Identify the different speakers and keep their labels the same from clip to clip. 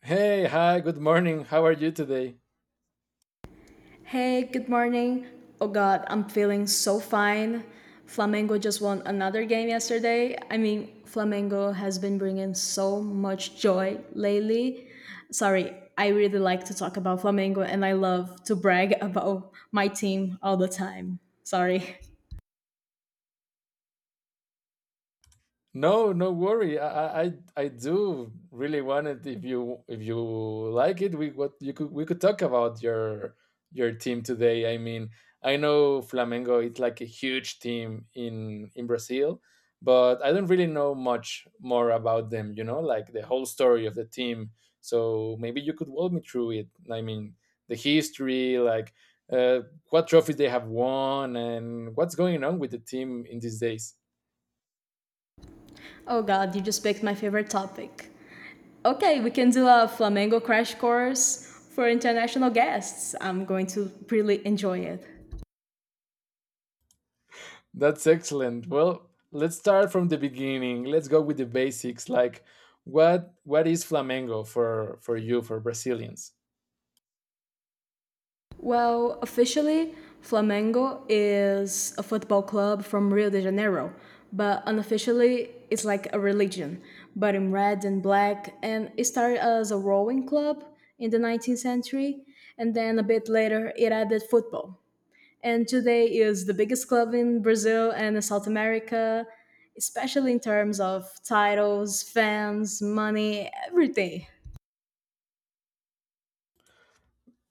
Speaker 1: Hey, hi, good morning. How are you today?
Speaker 2: Hey, good morning. Oh god, I'm feeling so fine. Flamengo just won another game yesterday. I mean, Flamengo has been bringing so much joy lately. Sorry, I really like to talk about Flamengo and I love to brag about my team all the time. Sorry.
Speaker 1: No, no worry. I do really want it. If you like it, we could talk about your team today. I mean, I know Flamengo is like a huge team in Brazil, but I don't really know much more about them. You know, like the whole story of the team. So maybe you could walk me through it. I mean, the history, like uh, what trophies they have won, and what's going on with the team in these days.
Speaker 2: Oh god, you just picked my favorite topic. Okay, we can do a Flamengo crash course for international guests. I'm going to really enjoy it.
Speaker 1: That's excellent. Well, let's start from the beginning. Let's go with the basics. Like, what is flamenco for you for Brazilians?
Speaker 2: Well, officially, Flamengo is a football club from Rio de Janeiro, but unofficially, it's like a religion, but in red and black. And it started as a rowing club in the 19th century, and then a bit later, it added football. And today is the biggest club in Brazil and South America, especially in terms of titles, fans, money, everything.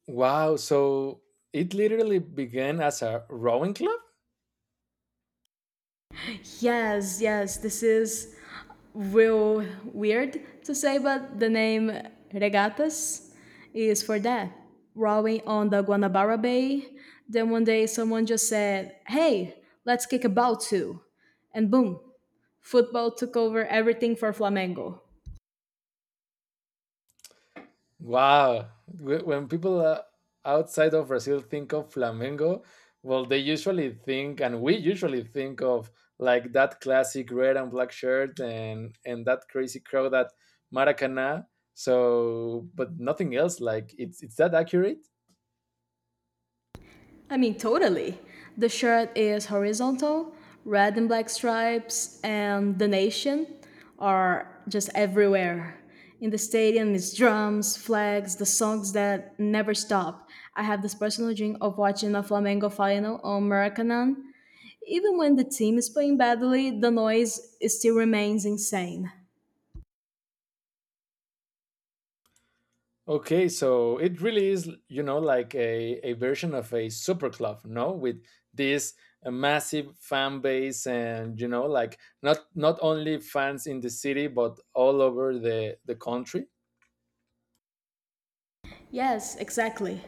Speaker 1: Wow. So it literally began as a rowing club.
Speaker 2: Yes, yes, this is real weird to say, but the name Regatas is for that. Rowing on the Guanabara Bay. Then one day someone just said, hey, let's kick a ball too. And boom, football took over everything for Flamengo.
Speaker 1: Wow. When people outside of Brazil think of Flamengo, well, they usually think, and we usually think of like that classic red and black shirt and that crazy crowd at Maracana. So, but nothing else. Like, it's that accurate?
Speaker 2: I mean, totally. The shirt is horizontal, red and black stripes, and the nation are just everywhere. In the stadium, it's drums, flags, the songs that never stop. I have this personal dream of watching a Flamengo final on Maracanã. Even when the team is playing badly, the noise still remains insane.
Speaker 1: Okay, so it really is, you know, like a version of a super club, no? With this massive fan base and, you know, like not only fans in the city, but all over the country.
Speaker 2: Yes, exactly.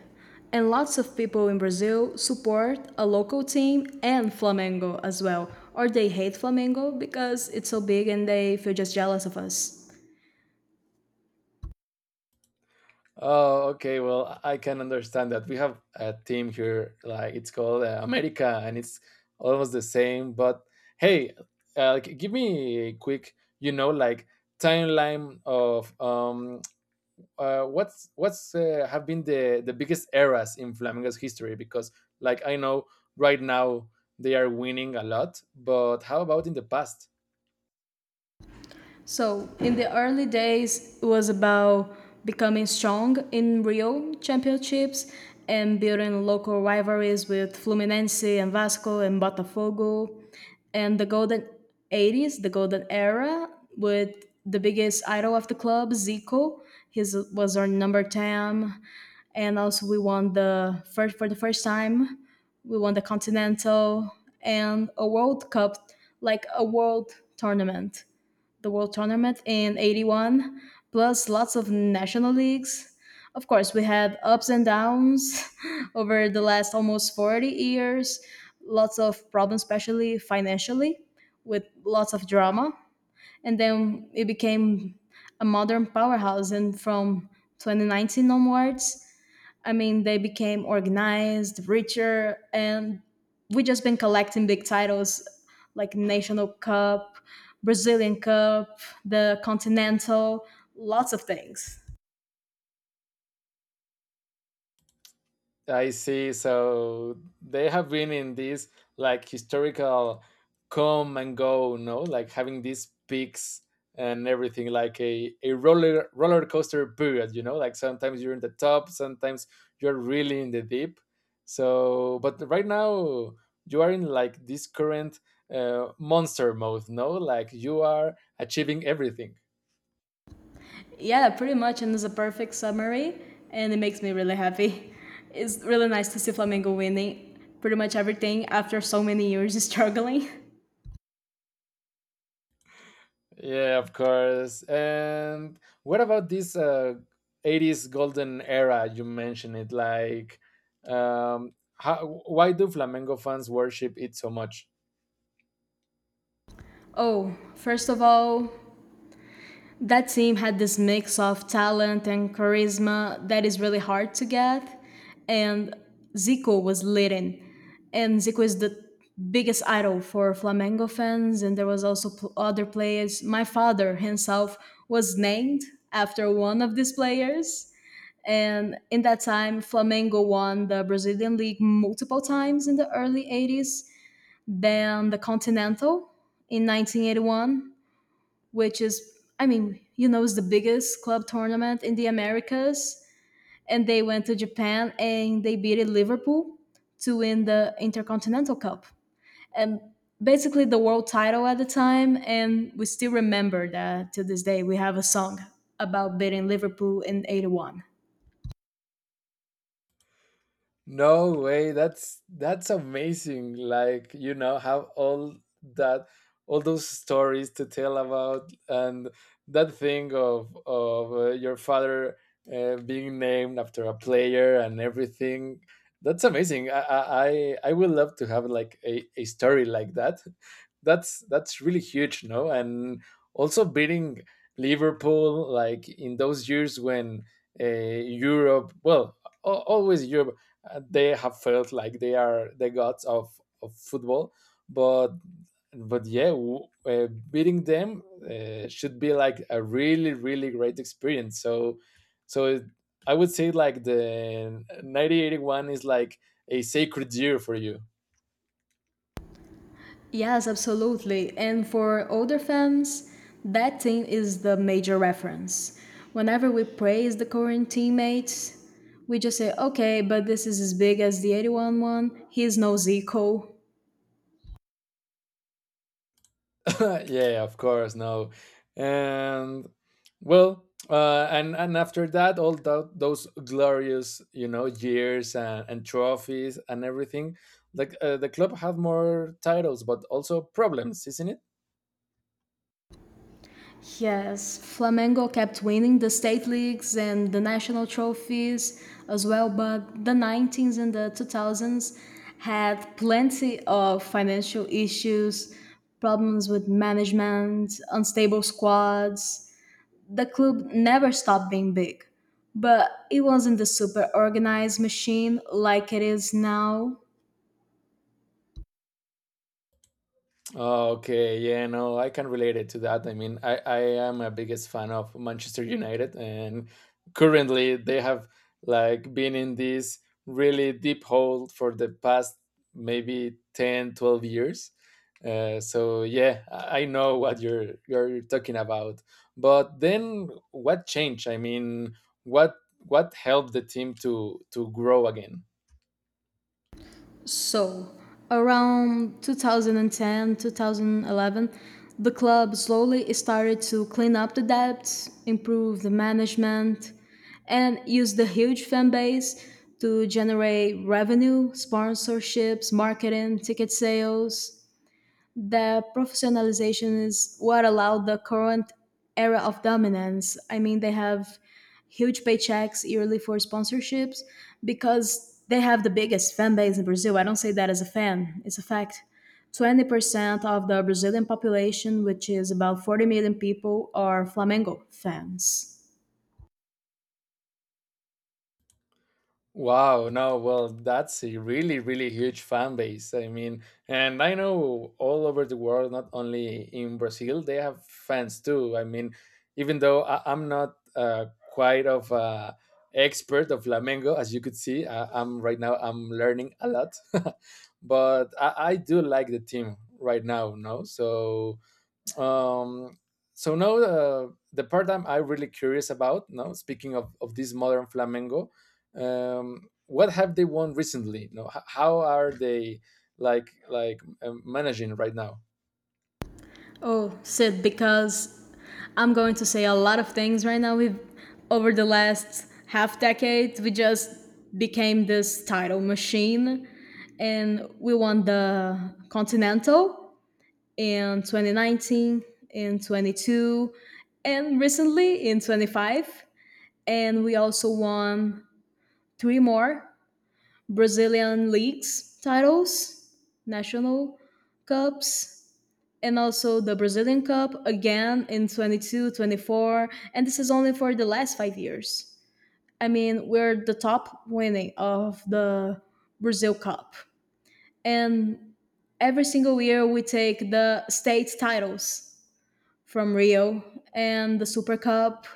Speaker 2: And lots of people in Brazil support a local team and Flamengo as well. Or they hate Flamengo because it's so big and they feel just jealous of us.
Speaker 1: Oh, okay. Well, I can understand that. We have a team here, like it's called America, and it's almost the same. But hey, give me a quick, you know, like timeline of what's have been the biggest eras in Flamengo's history? Because, like, I know right now they are winning a lot, but how about in the past?
Speaker 2: So in the early days, it was about becoming strong in Rio championships and building local rivalries with Fluminense and Vasco and Botafogo. And the golden 80s, the golden era, with the biggest idol of the club, Zico. His was our number 10. And also we won the first for the first time. We won the Continental and a World Cup, like a world tournament the World Tournament in '81, plus lots of national leagues. Of course, we had ups and downs over the last almost 40 years, lots of problems, especially financially, with lots of drama. And then it became a modern powerhouse. And from 2019 onwards, I mean, they became organized, richer, and we just been collecting big titles like National Cup, Brazilian Cup, the Continental, lots of things.
Speaker 1: I see. So they have been in this like historical come and go, no? Like having these peaks and everything, like a, roller coaster period, you know? Like sometimes you're in the top, sometimes you're really in the deep. So, but right now you are in like this current monster mode, no? Like you are achieving everything.
Speaker 2: Yeah, pretty much, and it's a perfect summary, and it makes me really happy. It's really nice to see Flamengo winning pretty much everything after so many years of struggling.
Speaker 1: Yeah, of course. And what about this 80s golden era? You mentioned it. Like, why do Flamengo fans worship it so much?
Speaker 2: Oh, first of all, that team had this mix of talent and charisma that is really hard to get. And Zico was leading. And Zico is the biggest idol for Flamengo fans. And there was also other players. My father himself was named after one of these players. And in that time, Flamengo won the Brazilian League multiple times in the early 80s, then the Continental in 1981, which is, I mean, you know, it's the biggest club tournament in the Americas. And they went to Japan and they beat Liverpool to win the Intercontinental Cup. And basically the world title at the time. And we still remember that to this day. We have a song about beating Liverpool in '81.
Speaker 1: No way, that's amazing. Like, you know, have all that all those stories to tell about and that thing of your father being named after a player and everything. That's amazing. I would love to have like a story like that. That's really huge, no? And also beating Liverpool like in those years when Europe, well, always Europe they have felt like they are the gods of football but beating them should be like a really really great experience so so it, I would say like the 1981 is like a sacred year for you.
Speaker 2: Yes, absolutely. And for older fans, that team is the major reference. Whenever we praise the current teammates, we just say, okay, but this is as big as the '81 one. He's no Zico.
Speaker 1: Yeah, of course, no. And well, and after that, all those glorious, you know, years and trophies and everything, like the club had more titles, but also problems, isn't it?
Speaker 2: Yes, Flamengo kept winning the state leagues and the national trophies as well, but the 19s and the 2000s had plenty of financial issues, problems with management, unstable squads. The club never stopped being big, but it wasn't the super organized machine like it is now.
Speaker 1: Okay, yeah, no, I can relate it to that. I mean, I am a biggest fan of Manchester United, and currently they have like been in this really deep hole for the past maybe 10, 12 years. So yeah, I know what you're talking about. But then what changed? I mean, what helped the team to grow again?
Speaker 2: So, around 2010, 2011, the club slowly started to clean up the debts, improve the management, and use the huge fan base to generate revenue, sponsorships, marketing, ticket sales. The professionalization is what allowed the current era of dominance. I mean, they have huge paychecks yearly for sponsorships because they have the biggest fan base in Brazil. I don't say that as a fan, it's a fact. 20% of the Brazilian population, which is about 40 million people, are Flamengo fans.
Speaker 1: Wow, no, well, that's a really, really huge fan base. I mean, and I know all over the world, not only in Brazil, they have fans too. I mean, even though I'm not quite of a expert of Flamengo, as you could see, I'm right now I'm learning a lot, but I do like the team right now. No, so um so now the part I really curious about now speaking of this modern flamenco, what have they won recently, no? How are they, managing right now?
Speaker 2: Oh, Sid, because I'm going to say a lot of things right now. We've over the last half decade, we just became this title machine, and we won the Continental in 2019, in 22, and recently in 25, and we also won three more Brazilian leagues titles, national cups, and also the Brazilian Cup again in 22, 24, and this is only for the last 5 years. I mean, we're the top winning of the Brazil Cup, and every single year we take the state titles from Rio and the Super Cup.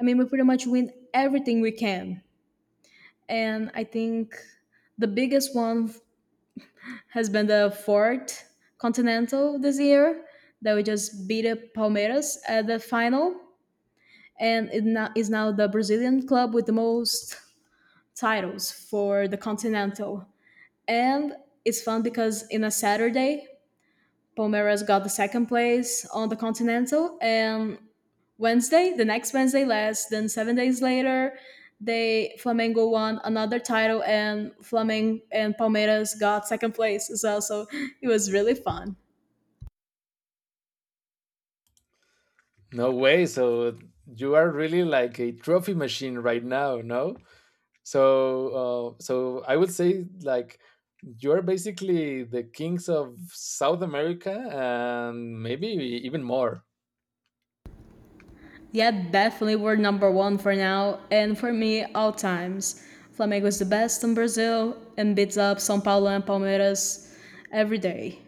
Speaker 2: I mean, we pretty much win everything we can, and I think the biggest one has been the fourth continental this year that we just beat up Palmeiras at the final, and is now the Brazilian club with the most titles for the continental. And it's fun because in a Saturday, Palmeiras got the second place on the continental, and Wednesday, the next Wednesday, less than 7 days later, they Flamengo won another title, and Flamengo and Palmeiras got second place as well. So it was really fun.
Speaker 1: No way, so you are really like a trophy machine right now, no? So so I would say like you're basically the kings of south america and maybe even more.
Speaker 2: Yeah, definitely we're number one for now, and for me, all times. Flamengo is the best in Brazil and beats up São Paulo and Palmeiras every day.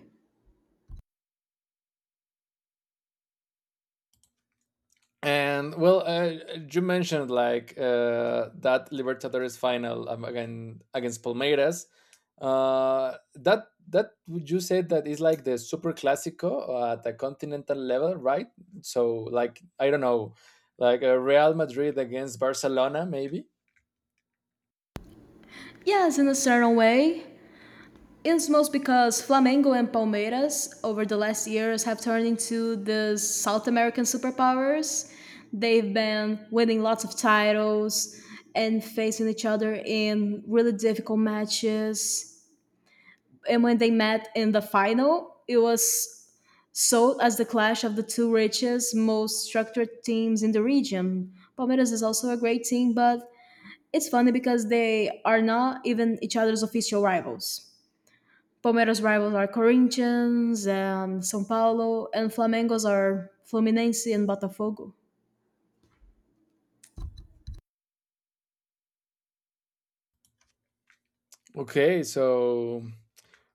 Speaker 1: And well, you mentioned like that Libertadores final, again against Palmeiras. That that would you say that is like the Super Clásico at the continental level, right? So like I don't know, like Real Madrid against Barcelona, maybe.
Speaker 2: Yes, in a certain way. It's most because Flamengo and Palmeiras over the last years have turned into the South American superpowers. They've been winning lots of titles and facing each other in really difficult matches. And when they met in the final, it was sold as the clash of the two richest, most structured teams in the region. Palmeiras is also a great team, but it's funny because they are not even each other's official rivals. Palmeiras' rivals are Corinthians and São Paulo, and Flamengo's are Fluminense and Botafogo.
Speaker 1: Okay, so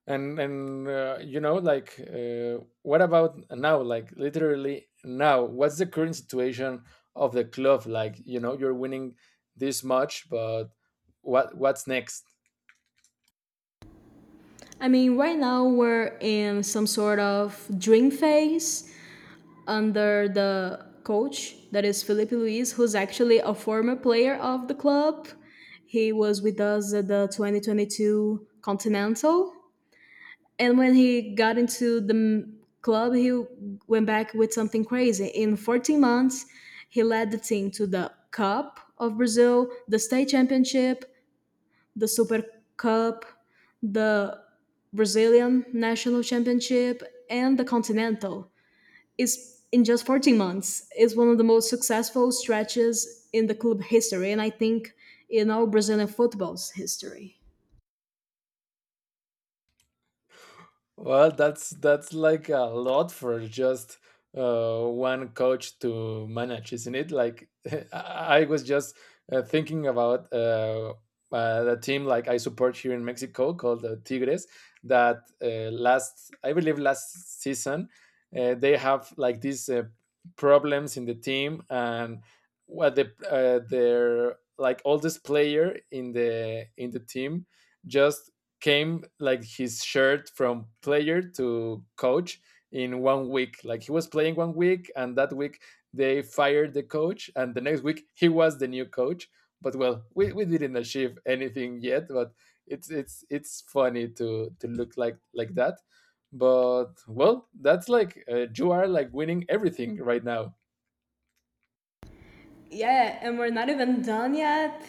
Speaker 1: and you know like what about now, like literally now what's the current situation of the club? Like, you know, you're winning this much, but what's next?
Speaker 2: I mean, right now we're in some sort of dream phase under the coach that is Felipe Luis, who's actually a former player of the club. He was with us at the 2022 Continental, and when he got into the club, he went back with something crazy. In 14 months, he led the team to the Cup of Brazil, the state championship, the Super Cup, the Brazilian National Championship, and the Continental, is in just 14 months, is one of the most successful stretches in the club history, and I think in all Brazilian football's history.
Speaker 1: Well, that's like a lot for just one coach to manage, isn't it? Like I was just thinking about the team like I support here in Mexico called the Tigres. That last, I believe, last season they have like these problems in the team. And what the their like oldest player in the team just came like his shirt from player to coach in one week. Like he was playing one week, and that week they fired the coach, and the next week he was the new coach. But well, we didn't achieve anything yet, but it's funny to look like that. But well, that's like you are like winning everything right now.
Speaker 2: Yeah, and we're not even done yet.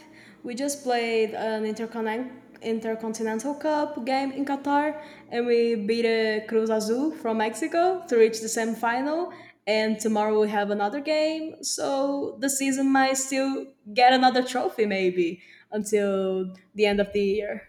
Speaker 2: We just played an interconnect Intercontinental Cup game in Qatar, and we beat Cruz Azul from Mexico to reach the semifinal. And tomorrow we have another game, so the season might still get another trophy, maybe until the end of the year.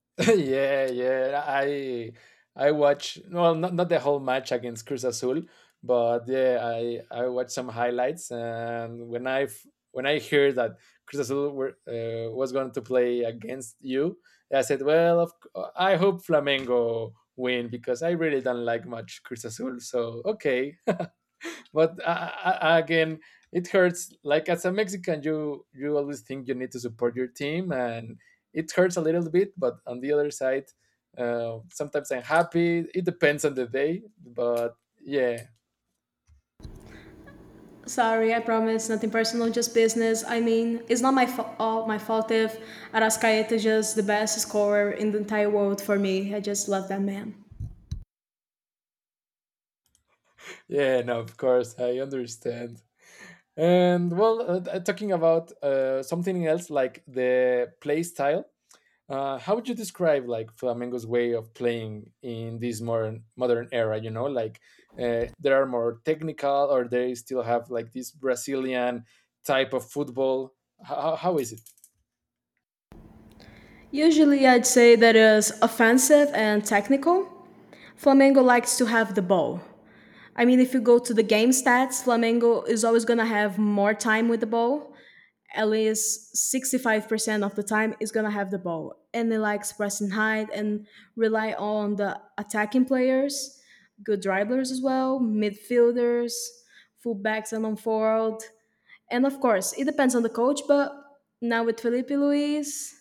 Speaker 1: Yeah, yeah. I watch, well, not the whole match against Cruz Azul, but yeah, I watched some highlights. And when when I heard that Cruz Azul were, was going to play against you, I said, well, I hope Flamengo win because I really don't like much Cruz Azul. So okay, but again, it hurts, like, as a mexican you always think you need to support your team, and it hurts a little bit, but on the other side, sometimes I'm happy. It depends on the day, but yeah.
Speaker 2: Sorry, I promise, nothing personal, just business. I mean, it's not my all my fault if Arascaeta is just the best scorer in the entire world for me. I just love that man.
Speaker 1: Yeah, no, of course I understand. And well, talking about something else, like the play style. How would you describe like Flamengo's way of playing in this modern era? You know, like they are more technical, or they still have like this Brazilian type of football. How is it?
Speaker 2: Usually, I'd say that is offensive and technical. Flamengo likes to have the ball. I mean, if you go to the game stats, Flamengo is always gonna have more time with the ball. At least 65% of the time is going to have the ball. And they like press and hide and rely on the attacking players, good dribblers as well, midfielders, fullbacks and on forward. And of course, it depends on the coach, but now with Felipe Luis,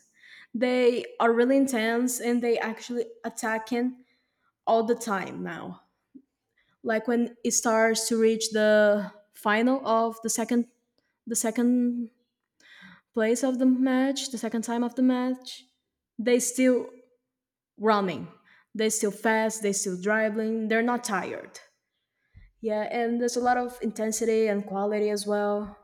Speaker 2: they are really intense and they actually attacking all the time now. Like when it starts to reach the final of the second place of the match, the second time of the match, they still running. They still fast, they still dribbling, they're not tired. Yeah, and there's a lot of intensity and quality as well.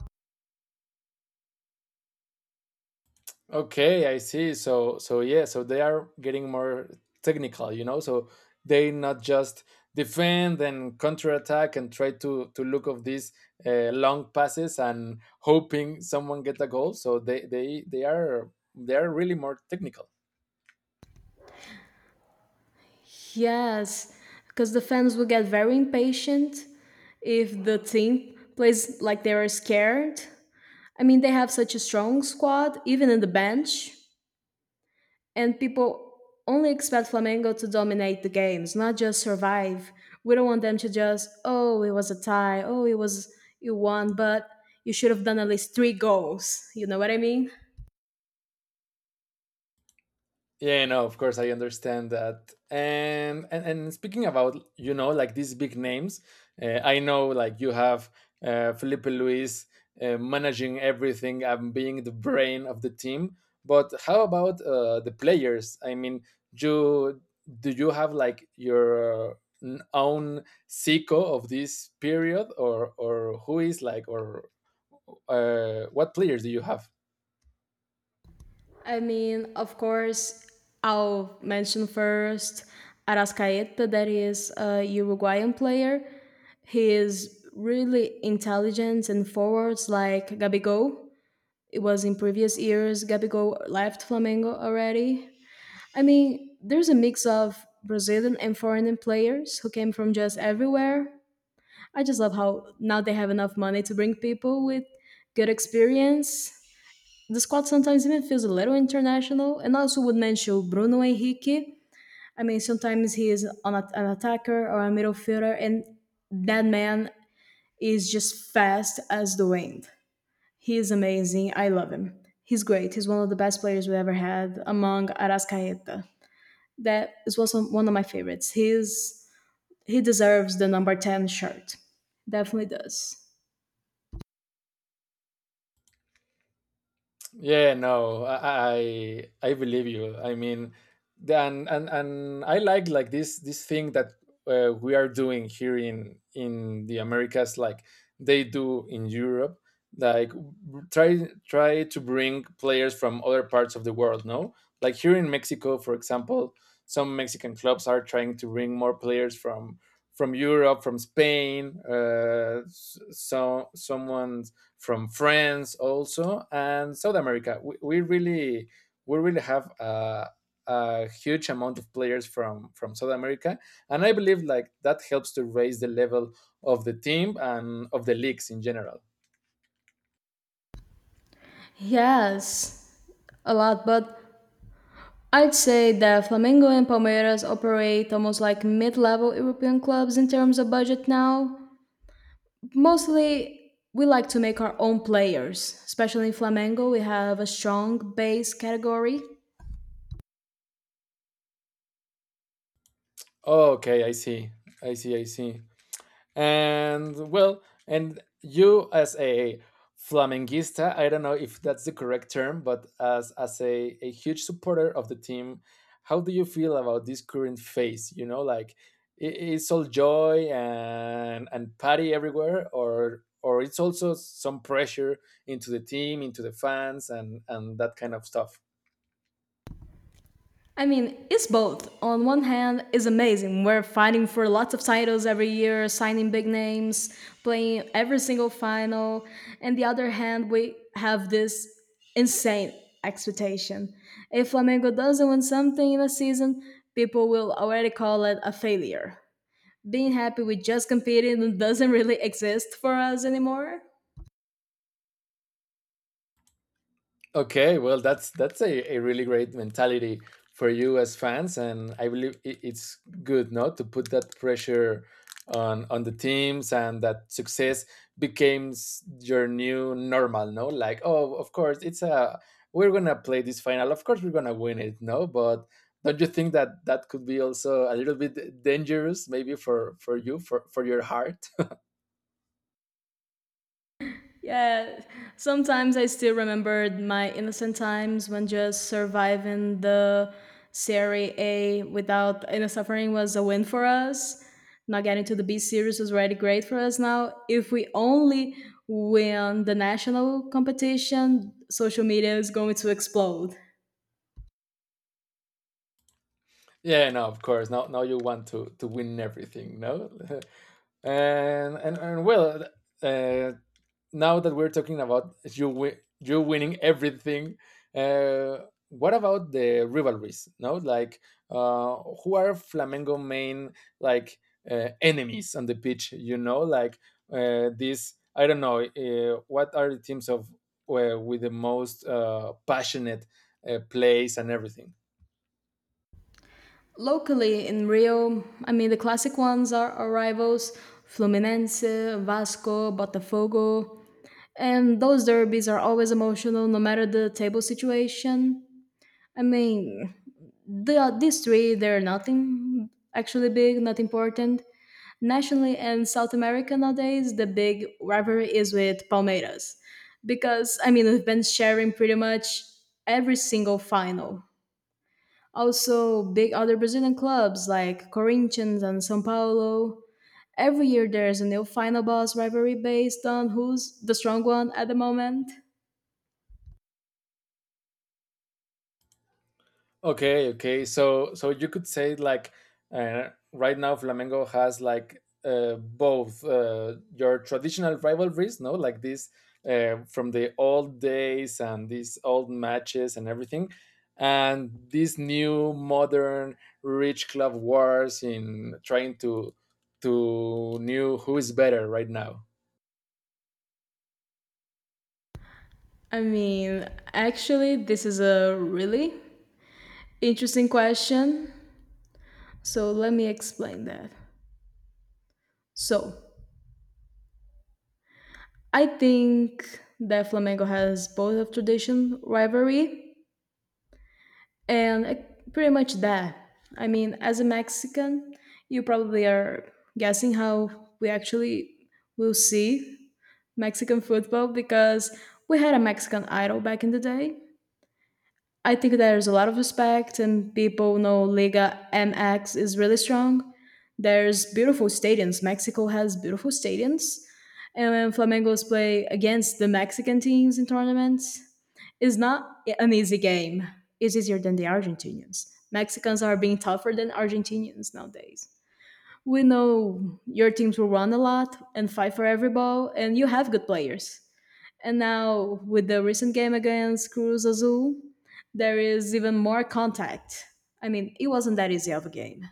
Speaker 1: Okay, I see. So, so yeah, so they are getting more technical, you know. So they not just defend and counterattack and try to look of these long passes and hoping someone get a goal. So they are really more technical.
Speaker 2: Yes, because the fans will get very impatient if the team plays like they are scared. I mean, they have such a strong squad, even in the bench. And people only expect Flamengo to dominate the games, not just survive. We don't want them to just, oh, it was a tie, oh, it was you won, but you should have done at least three goals. You know what I mean?
Speaker 1: Yeah, no, of course I understand that. And speaking about, you know, like these big names, I know like you have Felipe Luis managing everything and being the brain of the team. But how about the players? I mean, you do you have like your own Zico of this period, or who is like, or what players do you have?
Speaker 2: I mean, of course, I'll mention first Arascaeta, that is a Uruguayan player. He is really intelligent and forwards like Gabigol. It was in previous years. Gabigol left Flamengo already. I mean, there's a mix of Brazilian and foreign players who came from just everywhere. I just love how now they have enough money to bring people with good experience. The squad sometimes even feels a little international. And I also would mention Bruno Henrique. I mean, sometimes he is on an attacker or a midfielder, and that man is just fast as the wind. He is amazing. I love him. He's great. He's one of the best players we ever had among Arascaeta. That is also one of my favorites. He deserves the number 10 shirt. Definitely does.
Speaker 1: Yeah, no, I believe you. I mean, then and I like this thing that we are doing here in the Americas, like they do in Europe, like try try to bring players from other parts of the world. No, like here in Mexico, for example, some Mexican clubs are trying to bring more players from Europe, from Spain. So someone from France also and South America. We really have a huge amount of players from South America, and I believe like that helps to raise the level of the team and of the leagues in general.
Speaker 2: Yes, a lot, but I'd say that Flamengo and Palmeiras operate almost like mid level European clubs in terms of budget now. Mostly, we like to make our own players, especially in Flamengo, we have a strong base category.
Speaker 1: Okay, I see. I see. I see. And well, and you as a flamenguista, I don't know if that's the correct term, but as a huge supporter of the team, how do you feel about this current phase? You know, like it's all joy and party everywhere, or it's also some pressure into the team, into the fans, and that kind of stuff.
Speaker 2: I mean, it's both. On one hand, it's amazing. We're fighting for lots of titles every year, signing big names, playing every single final. And the other hand, we have this insane expectation. If Flamengo doesn't win something in a season, people will already call it a failure. Being happy with just competing doesn't really exist for us anymore.
Speaker 1: Okay, well, that's a really great mentality for you as fans, and I believe it's good, no, to put that pressure on the teams, and that success becomes your new normal, no, like oh, of course, it's a we're gonna play this final, of course, we're gonna win it, no, but don't you think that that could be also a little bit dangerous, maybe for you, for your heart?
Speaker 2: Yeah, sometimes I still remember my innocent times when just surviving the Serie A without any suffering was a win for us. Not getting to the B series was already great for us now. If we only win the national competition, social media is going to explode.
Speaker 1: Yeah, no, of course, now you want to win everything, no. And well, uh, now that we're talking about you, you winning everything, uh, what about the rivalries, no? Like uh, who are flamengo main, like enemies on the pitch? You know, like this, I don't know, what are the teams of, with the most passionate plays and everything.
Speaker 2: Locally in Rio, I mean, the classic ones are our rivals Fluminense, Vasco, Botafogo. And those derbies are always emotional, no matter the table situation. I mean, these three, they're nothing actually big, not important. Nationally and South America nowadays, the big rivalry is with Palmeiras. Because, I mean, we've been sharing pretty much every single final. Also, big other Brazilian clubs like Corinthians and São Paulo. Every year there's a new final boss rivalry based on who's the strong one at the moment.
Speaker 1: Okay, okay. So you could say like, right now Flamengo has like, both, your traditional rivalries, no, like this, from the old days and these old matches and everything, and these new modern rich club wars in trying to knew who is better right now.
Speaker 2: I mean, actually, this is a really interesting question. So let me explain that. So I think that Flamengo has both of tradition, rivalry, and pretty much that. I mean, as a Mexican, you probably are guessing how we actually will see Mexican football because we had a Mexican idol back in the day. I think there's a lot of respect, and people know Liga MX is really strong. There's beautiful stadiums. Mexico has beautiful stadiums, and when Flamengo's play against the Mexican teams in tournaments, it's not an easy game. It's easier than the Argentinians. Mexicans are being tougher than Argentinians nowadays. We know your teams will run a lot and fight for every ball, and you have good players. And now, with the recent game against Cruz Azul, there is even more contact. I mean, it wasn't that easy of a game.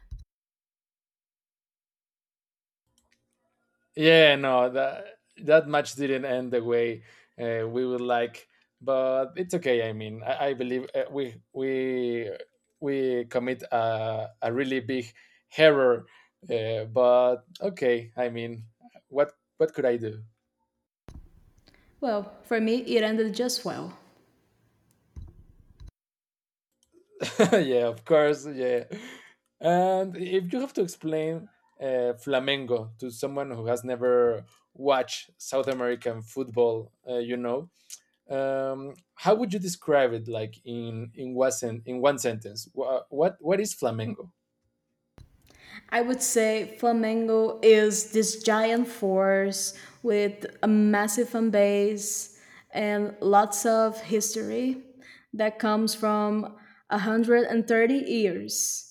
Speaker 1: Yeah, no, that match didn't end the way we would like, but it's okay. I mean, I believe we commit a really big error, but okay. I mean, what could I do?
Speaker 2: Well, for me, it ended just well.
Speaker 1: Yeah, of course. Yeah, and if you have to explain Flamengo to someone who has never watched South American football, you know. How would you describe it, like, in what in one sentence? What is flamenco?
Speaker 2: I would say Flamengo is this giant force with a massive fan base and lots of history that comes from 130 years.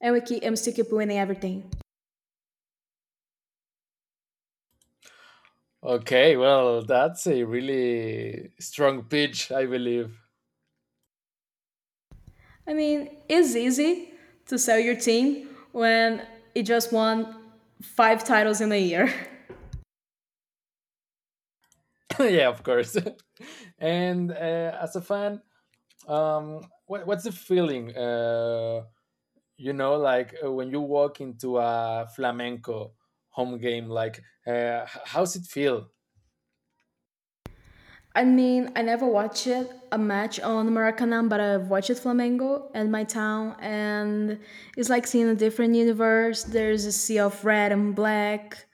Speaker 2: And I'm still keep winning everything.
Speaker 1: Okay, well, that's a really strong pitch, I believe.
Speaker 2: I mean, it's easy to sell your team when it just won five titles in a year.
Speaker 1: Yeah, of course. And as a fan, what's the feeling, uh, you know, like, when you walk into a flamenco home game, like, how's it feel?
Speaker 2: I mean, I never watched a match on Maracanã, but I've watched Flamengo and my town, and it's like seeing a different universe. There's a sea of red and black,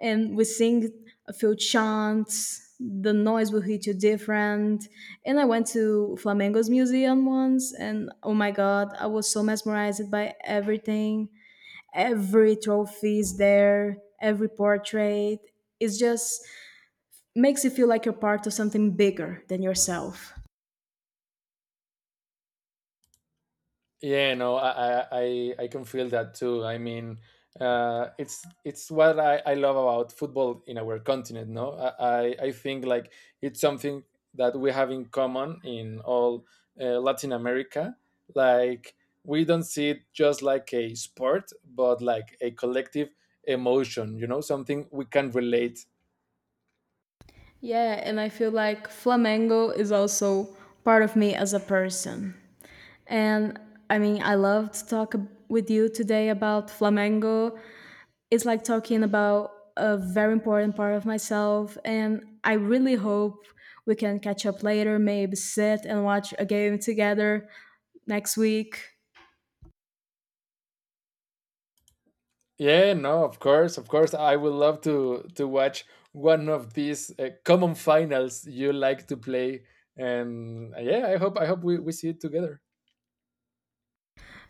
Speaker 2: and we sing a few chants. The noise will hit you different. And I went to Flamengo's museum once, and oh my god, I was so mesmerized by everything. Every trophy is there, every portrait. It just makes you feel like you're part of something bigger than yourself.
Speaker 1: Yeah, no, I can feel that too. I mean, it's what I love about football in our continent. No, I think like it's something that we have in common in all Latin America. Like we don't see it just like a sport, but like a collective emotion. You know, something we can relate.
Speaker 2: Yeah, and I feel like Flamengo is also part of me as a person. And I mean, I love to talk with you today about Flamengo. It's like talking about a very important part of myself, and I really hope we can catch up later, maybe sit and watch a game together next week.
Speaker 1: Yeah, no, of course, of course. I would love to watch one of these common finals you like to play, and yeah, I hope we see it together.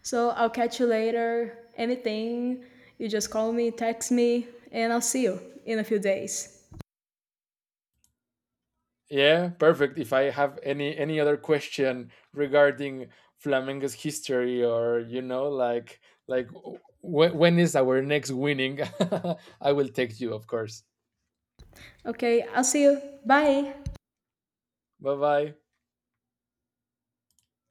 Speaker 2: So I'll catch you later. Anything, you just call me, text me, and I'll see you in a few days.
Speaker 1: Yeah, perfect. If I have any other question regarding Flamengo's history, or you know, like when is our next winning, I will text you, of course.
Speaker 2: Okay, I'll see you. Bye.
Speaker 1: Bye bye.